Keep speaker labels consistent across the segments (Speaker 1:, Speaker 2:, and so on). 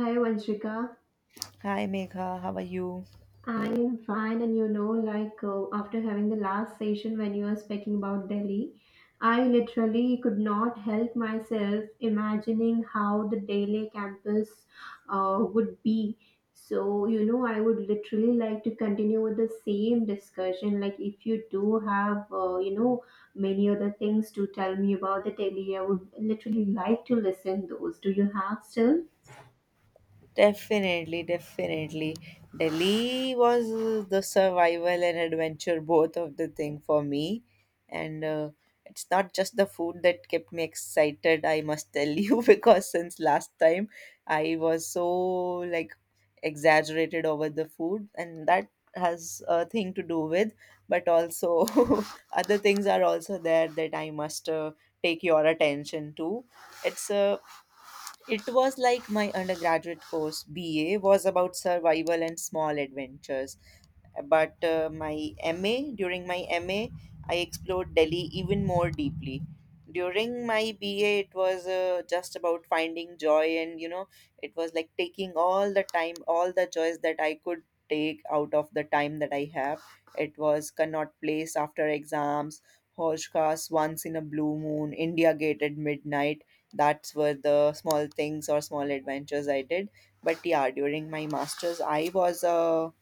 Speaker 1: Hi Vanshika,
Speaker 2: Hi Megha, how are you?
Speaker 1: I'm fine, and you know, after having the last session when you were speaking about Delhi, I literally could not help myself imagining how the Delhi campus would be. So, you know, I would literally like to continue with the same discussion. Like, if you do have, many other things to tell me about the Delhi, I would literally like to listen those. Do you have still?
Speaker 2: Definitely, definitely. Delhi was the survival and adventure both of the thing for me. And it's not just the food that kept me excited, I must tell you, because since last time I was so like exaggerated over the food, and that has a thing to do with, but also other things are also there that I must take your attention to. It's a It was like my undergraduate course BA was about survival and small adventures but during my MA, I explored Delhi even more deeply. During my BA, it was just about finding joy, and it was like taking all the time, all the joys that I could take out of the time that I have. It was Connaught Place after exams, Hoj Khas once in a blue moon, India Gate at midnight. That's were the small things or small adventures I did. But yeah, during my masters, I was a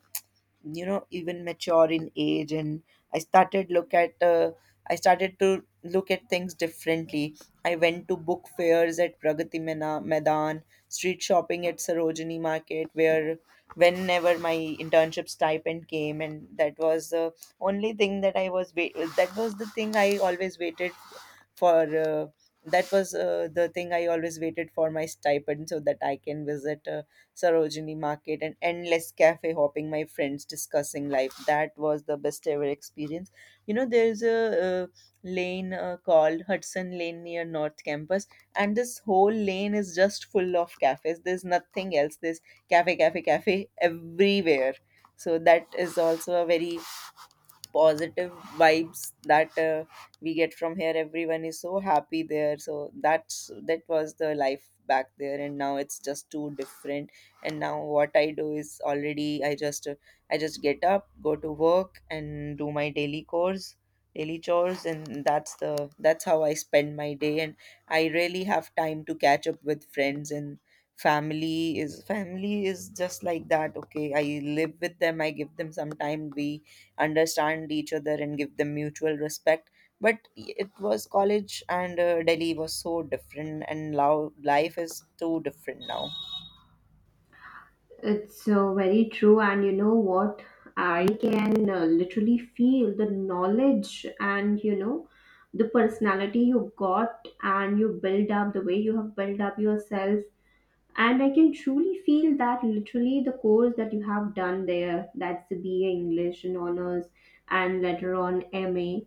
Speaker 2: even mature in age, and i started look at uh, I started to look at things differently. I went to book fairs at pragati maidan, street shopping at sarojini market, where whenever my internship stipend came, and that was the only thing that that was the thing I always waited for, uh, that was the thing I always waited for, my stipend, so that I can visit Sarojini Market, and endless cafe hopping, my friends discussing life. That was the best ever experience. You know, there's a lane called Hudson Lane near North Campus, and this whole lane is just full of cafes. There's nothing else. There's cafe, cafe, cafe everywhere. So that is also a very positive vibes that we get from here. Everyone is so happy there, so that was the life back there, and now it's just too different. And now what I do is already I just get up, go to work, and do my daily chores, and that's how I spend my day. And I really have time to catch up with friends, and family is just like that. Okay, I live with them, I give them some time, we understand each other and give them mutual respect. But it was college, and Delhi was so different, and now life is too different now.
Speaker 1: It's very true, and you know what? I can literally feel the knowledge and you know the personality you got and you build up the way you have built up yourself. And I can truly feel that literally the course that you have done there, that's the BA English and honors, and later on MA.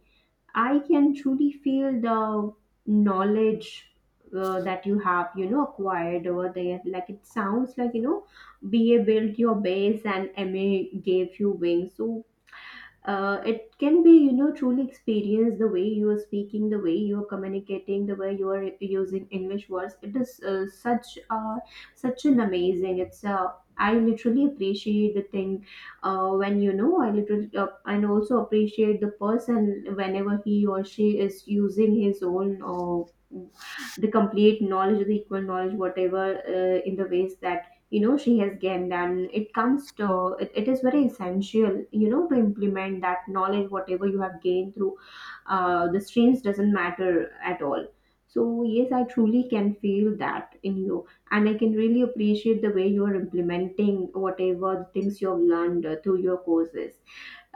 Speaker 1: I can truly feel the knowledge that you have, you know, acquired over there. Like it sounds like you know, BA built your base and MA gave you wings. So it can be you know truly experienced the way you are speaking, the way you are communicating, the way you are using english words. It is such an amazing it's I literally appreciate the thing when you know I literally and also appreciate the person whenever he or she is using his own the complete knowledge, the equal knowledge whatever in the ways that you know she has gained. And it comes to it, is very essential you know to implement that knowledge whatever you have gained through the strains doesn't matter at all. So yes, I truly can feel that in you and I can really appreciate the way you're implementing whatever things you've learned through your courses.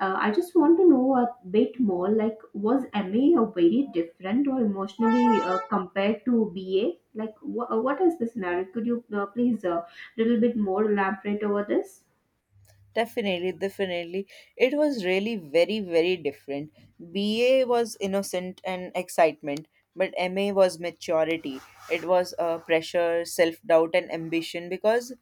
Speaker 1: I just want to know a bit more, like was MA very different or emotionally compared to BA. Like what is the scenario? Could you please a little bit more elaborate over this.
Speaker 2: Definitely, definitely. It was really very, very different. BA was innocent and excitement, but MA was maturity. It was pressure, self doubt, and ambition because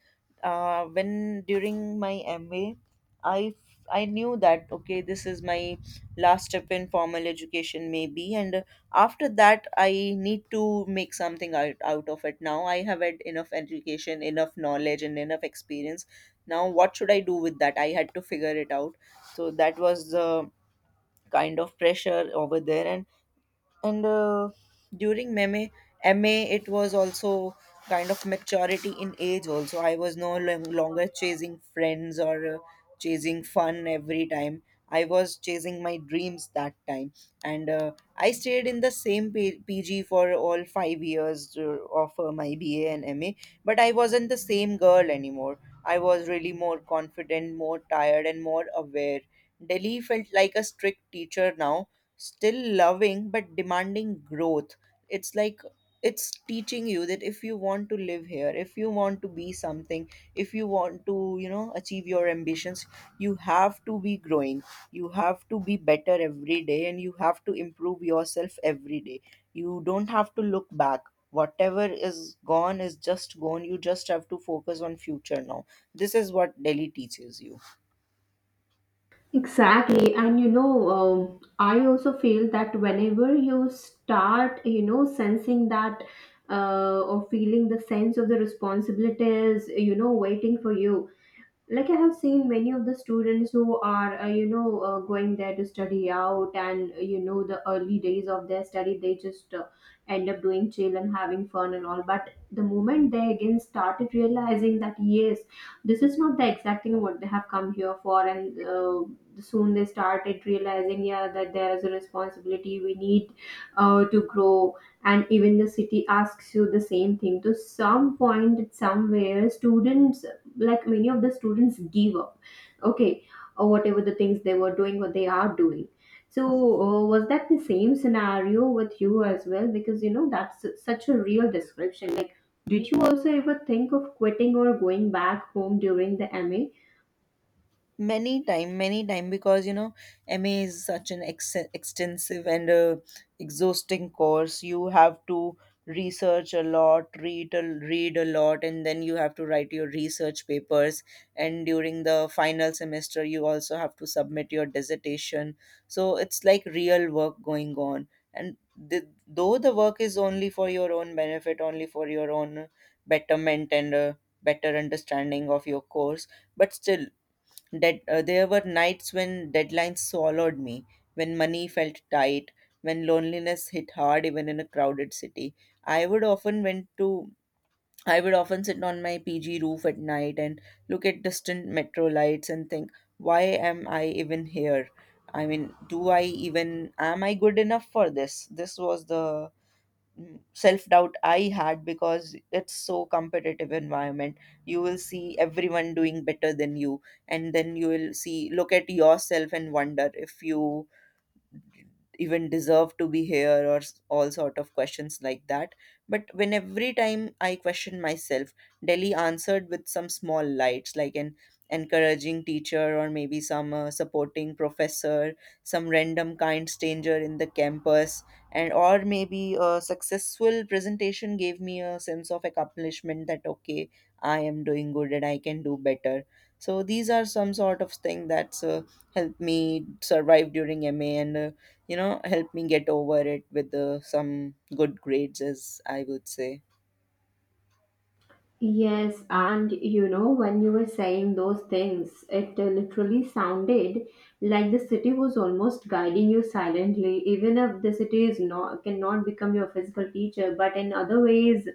Speaker 2: when during my MA, I I knew that okay, this is my last step in formal education, maybe, and after that, I need to make something out of it. Now I have had enough education, enough knowledge, and enough experience. Now what should I do with that? I had to figure it out. So that was the kind of pressure over there, and and during MA, it was also kind of maturity in age. Also, I was no longer chasing friends or chasing fun every time. I was chasing my dreams that time, and I stayed in the same PG for all 5 years of my BA and MA. But I wasn't the same girl anymore. I was really more confident, more tired, and more aware. Delhi felt like a strict teacher now, still loving but demanding growth. It's like it's teaching you that if you want to live here, if you want to be something, if you want to, achieve your ambitions, you have to be growing. You have to be better every day, and you have to improve yourself every day. You don't have to look back. Whatever is gone is just gone. You just have to focus on future now. This is what Delhi teaches you.
Speaker 1: Exactly, and you know, I also feel that whenever you start, you know, sensing that or feeling the sense of the responsibilities, you know, waiting for you, like I have seen many of the students who are going there to study out and you know the early days of their study they just end up doing chill and having fun and all. But the moment they again started realizing that yes, this is not the exact thing what they have come here for, and soon they started realizing yeah that there is a responsibility we need to grow. And even the city asks you the same thing to some point. At somewhere students, like many of the students give up, okay, or whatever the things they were doing or they are doing. So was that the same scenario with you as well? Because you know that's such a real description. Like, did you also ever think of quitting or going back home during the MA?
Speaker 2: Many time, many time, because MA is such an extensive and exhausting course. You have to research a lot, read a lot, and then you have to write your research papers, and during the final semester you also have to submit your dissertation. So it's like real work going on, and though the work is only for your own benefit, only for your own betterment and better understanding of your course. But still, there were nights when deadlines swallowed me, when money felt tight, when loneliness hit hard even in a crowded city. I would often went to I would often sit on my PG roof at night and look at distant metro lights and think, why am I even here? I mean, do I even am I good enough for this? This was the self doubt I had, because it's so competitive environment. You will see everyone doing better than you, and then you will see, look at yourself and wonder if you even deserve to be here, or all sort of questions like that. But when every time I question myself, Delhi answered with some small lights, like an encouraging teacher, or maybe some supporting professor, some random kind stranger in the campus, and or maybe a successful presentation gave me a sense of accomplishment that okay, I am doing good and I can do better. So these are some sort of thing that's helped me survive during MA, and help me get over it with some good grades, as I would say.
Speaker 1: Yes, and you know, when you were saying those things, it literally sounded like the city was almost guiding you silently, even if the city is not cannot become your physical teacher, but in other ways,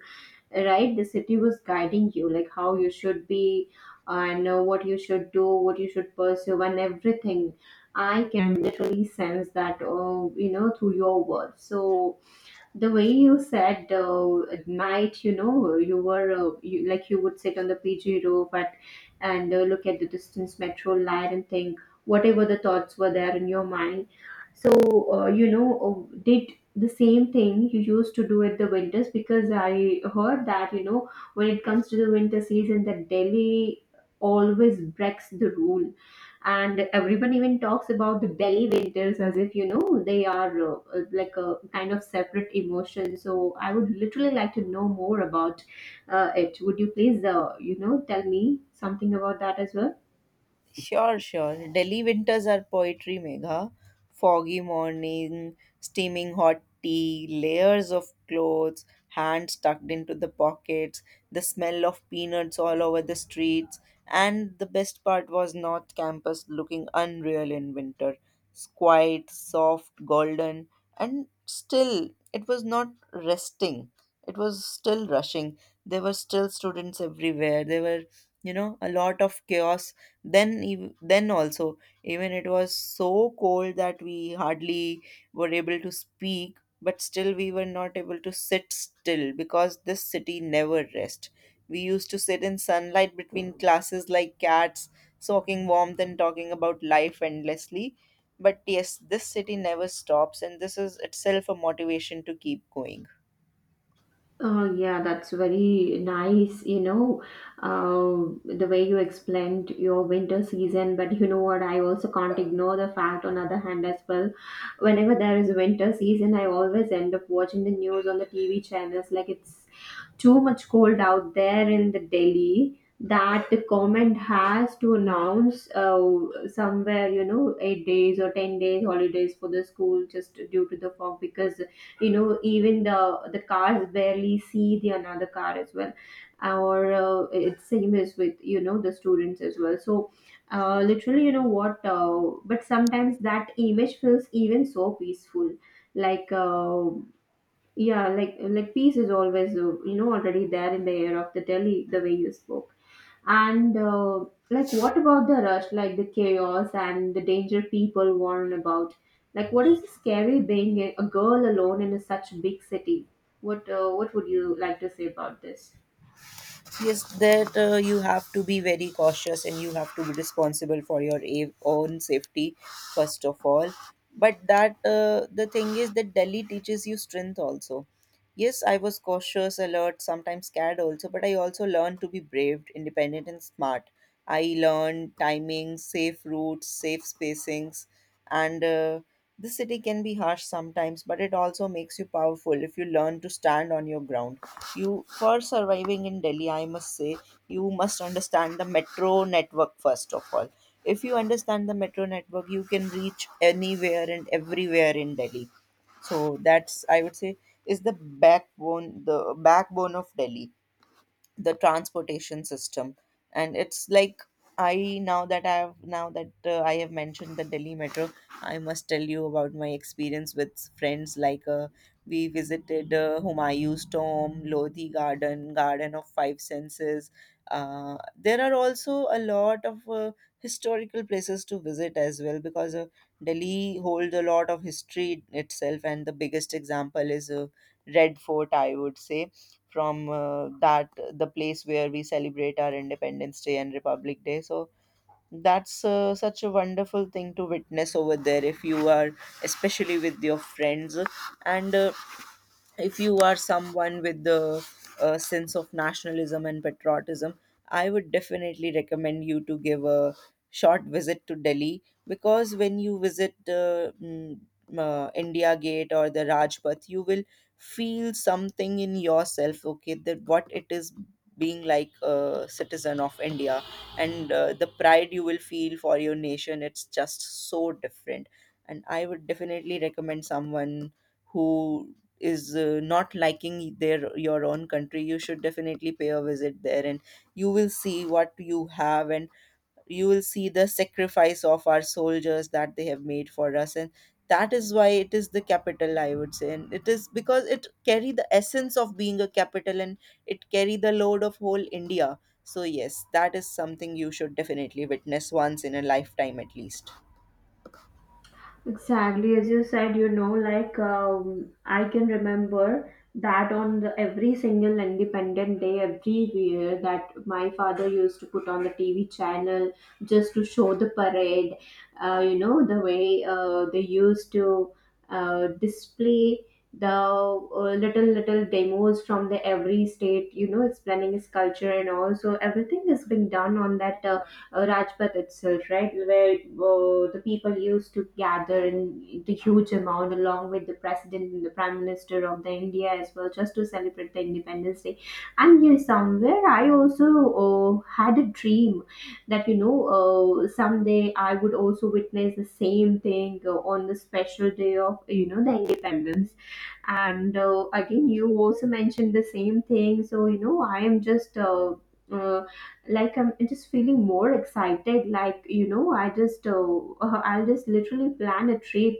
Speaker 1: right? The city was guiding you, like how you should be and what you should do, what you should pursue, and everything. I can literally sense that, you know, through your words. So the way you said at night you know you were like you would sit on the PG roof at, and look at the distance metro light and think whatever the thoughts were there in your mind. So uh, you know did the same thing you used to do at the winters? Because I heard that you know when it comes to the winter season that Delhi always breaks the rule, and everyone even talks about the belly winters as if you know they are like a kind of separate emotion. So I would literally like to know more about it. Would you please you know tell me something about that as well?
Speaker 2: Sure, sure. Delhi winters are poetry, Megha. Foggy morning, steaming hot tea, layers of clothes, hands tucked into the pockets, the smell of peanuts all over the streets, and the best part was North Campus looking unreal in winter. It's quiet, soft, golden, and still it was not resting. It was still rushing. There were still students everywhere. There were, a lot of chaos. Then also, even it was so cold that we hardly were able to speak, but still we were not able to sit still, because this city never rest. We used to sit in sunlight between classes like cats, soaking warmth and talking about life endlessly. But yes, this city never stops, and this is itself a motivation to keep going.
Speaker 1: Oh yeah, that's very nice, you know, the way you explained your winter season. But you know what? I also can't ignore the fact, on other hand, as well. Whenever there is winter season, I always end up watching the news on the TV channels. Like it's too much cold out there in the Delhi that the government has to announce somewhere you know 8 days or 10 days holidays for the school just due to the fog. Because you know even the cars barely see the another car as well, or it's same as with you know the students as well. So literally you know what but sometimes that image feels even so peaceful, like yeah, like peace is always you know already there in the air of the Delhi the way you spoke. And like what about the rush, like the chaos and the danger people warn about, like what is the scary being a girl alone in a such big city? What would you like to say about this?
Speaker 2: Yes, that you have to be very cautious, and you have to be responsible for your own safety, first of all. But that the thing is that Delhi teaches you strength also. Yes, I was cautious, alert, sometimes scared also, but I also learned to be brave, independent, and smart. I learned timing, safe routes, safe spacings, and the city can be harsh sometimes, but it also makes you powerful if you learn to stand on your ground. You For surviving in Delhi, I must say, you must understand the metro network first of all. If you understand the metro network, you can reach anywhere and everywhere in Delhi. So that's, I would say, is the backbone of Delhi, the transportation system. And it's like, I now that I have now that I have mentioned the Delhi metro, I must tell you about my experience with friends. Like we visited Humayun's Tomb, Lodhi Garden, Garden of Five Senses. There are also a lot of historical places to visit as well, because Delhi holds a lot of history itself, and the biggest example is Red Fort, I would say. From that The place where we celebrate our Independence Day and Republic Day. So that's such a wonderful thing to witness over there, if you are especially with your friends. And if you are someone with the sense of nationalism and patriotism, I would definitely recommend you to give a short visit to Delhi, because when you visit India Gate or the Rajpath, you will feel something in yourself, okay, that what it is being like a citizen of India. And the pride you will feel for your nation, it's just so different. And I would definitely recommend someone who is not liking their your own country, you should definitely pay a visit there, and you will see what you have, and you will see the sacrifice of our soldiers that they have made for us. And that is why it is the capital, I would say, and it is because it carry the essence of being a capital, and it carry the load of whole India. So yes, that is something you should definitely witness once in a lifetime at least.
Speaker 1: Exactly, as you said, you know, I can remember that on the every single Independent Day every year that my father used to put on the TV channel just to show the parade. You know the way they used to display the little little demos from the every state. You know, explaining its culture and all. So everything is being done on that Rajpath itself, right, where the people used to gather in the huge amount along with the president and the prime minister of the India as well, just to celebrate the Independence Day. And here somewhere, I also had a dream that you know someday I would also witness the same thing on the special day of you know the Independence. And again you also mentioned the same thing, so you know I am just uh, like I'm just feeling more excited. Like you know I just I'll just literally plan a trip,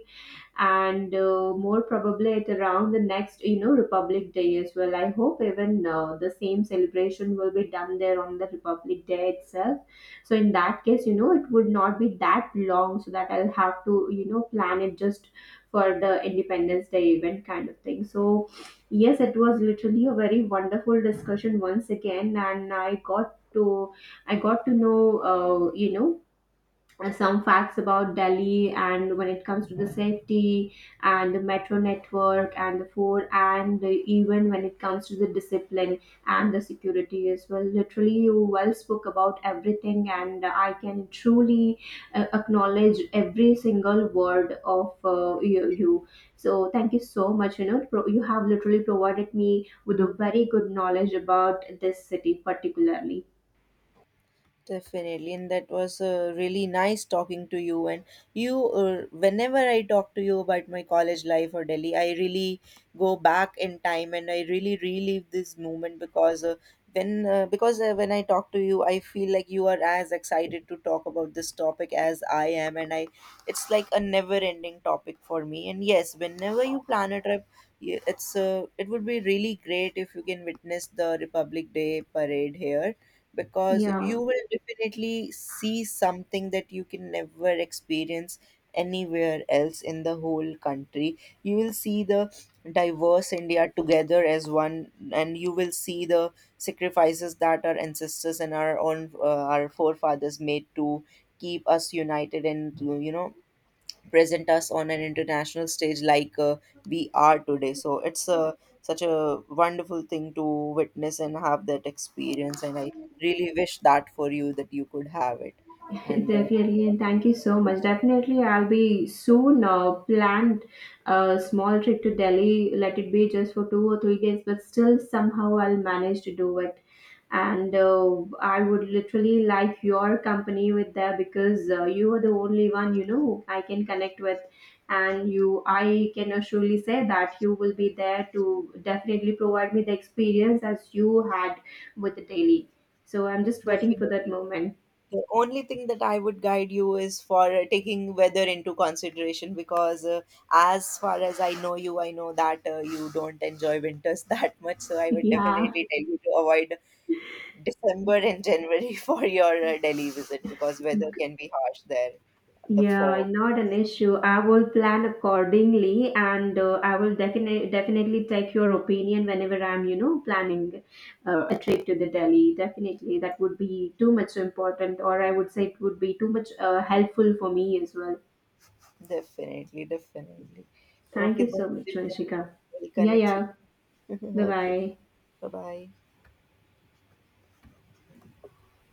Speaker 1: and more probably at around the next you know Republic Day as well. I hope even the same celebration will be done there on the Republic Day itself. So in that case you know it would not be that long, so that I'll have to you know plan it just for the Independence Day event kind of thing. So yes, it was literally a very wonderful discussion once again, and I got to know uh, you know some facts about Delhi. And when it comes to the safety and the metro network and the food and the, even when it comes to the discipline and the security as well. Literally, you well spoke about everything, and I can truly acknowledge every single word of you. So thank you so much. You know, you have literally provided me with a very good knowledge about this city particularly.
Speaker 2: Definitely, and that was really nice talking to you. And whenever I talk to you about my college life or Delhi, I really go back in time, and I really relive this moment, because when I talk to you, I feel like you are as excited to talk about this topic as I am, and I it's like a never-ending topic for me. And yes, whenever you plan a trip, it would be really great if you can witness the Republic Day parade here, because
Speaker 1: Yeah.
Speaker 2: you will definitely see something that you can never experience anywhere else in the whole country. You will see the diverse India together as one, and you will see the sacrifices that our ancestors and our forefathers made to keep us united, and to, present us on an international stage like we are today. So it's such a wonderful thing to witness and have that experience, and I really wish that for you, that you could have it. And
Speaker 1: Definitely, and thank you so much. Definitely, I'll be soon planned a small trip to Delhi. Let it be just for two or three days, but still somehow I'll manage to do it. And I would literally like your company with that, because you are the only one you know I can connect with, and you I can assuredly say that you will be there to definitely provide me the experience as you had with the Delhi. So I'm just waiting for that
Speaker 2: definitely.
Speaker 1: moment.
Speaker 2: The only thing that I would guide you is for taking weather into consideration, because, as far as I know you, I know that you don't enjoy winters that much. So I would
Speaker 1: Yeah.
Speaker 2: definitely tell you to avoid December and January for your Delhi visit, because weather can be harsh there. The
Speaker 1: Yeah,
Speaker 2: fog,
Speaker 1: not an issue. I will plan accordingly and I will definitely take your opinion whenever I'm, you know, planning a trip to the Delhi. Definitely, that would be too much important, or I would say it would be too much helpful for me as well.
Speaker 2: definitely, definitely.
Speaker 1: Thank
Speaker 2: Okay,
Speaker 1: you
Speaker 2: then,
Speaker 1: so much,
Speaker 2: till then
Speaker 1: Vanshika.
Speaker 2: we'll
Speaker 1: Yeah,
Speaker 2: connect.
Speaker 1: yeah. Bye
Speaker 2: Okay,
Speaker 1: bye.
Speaker 2: bye bye.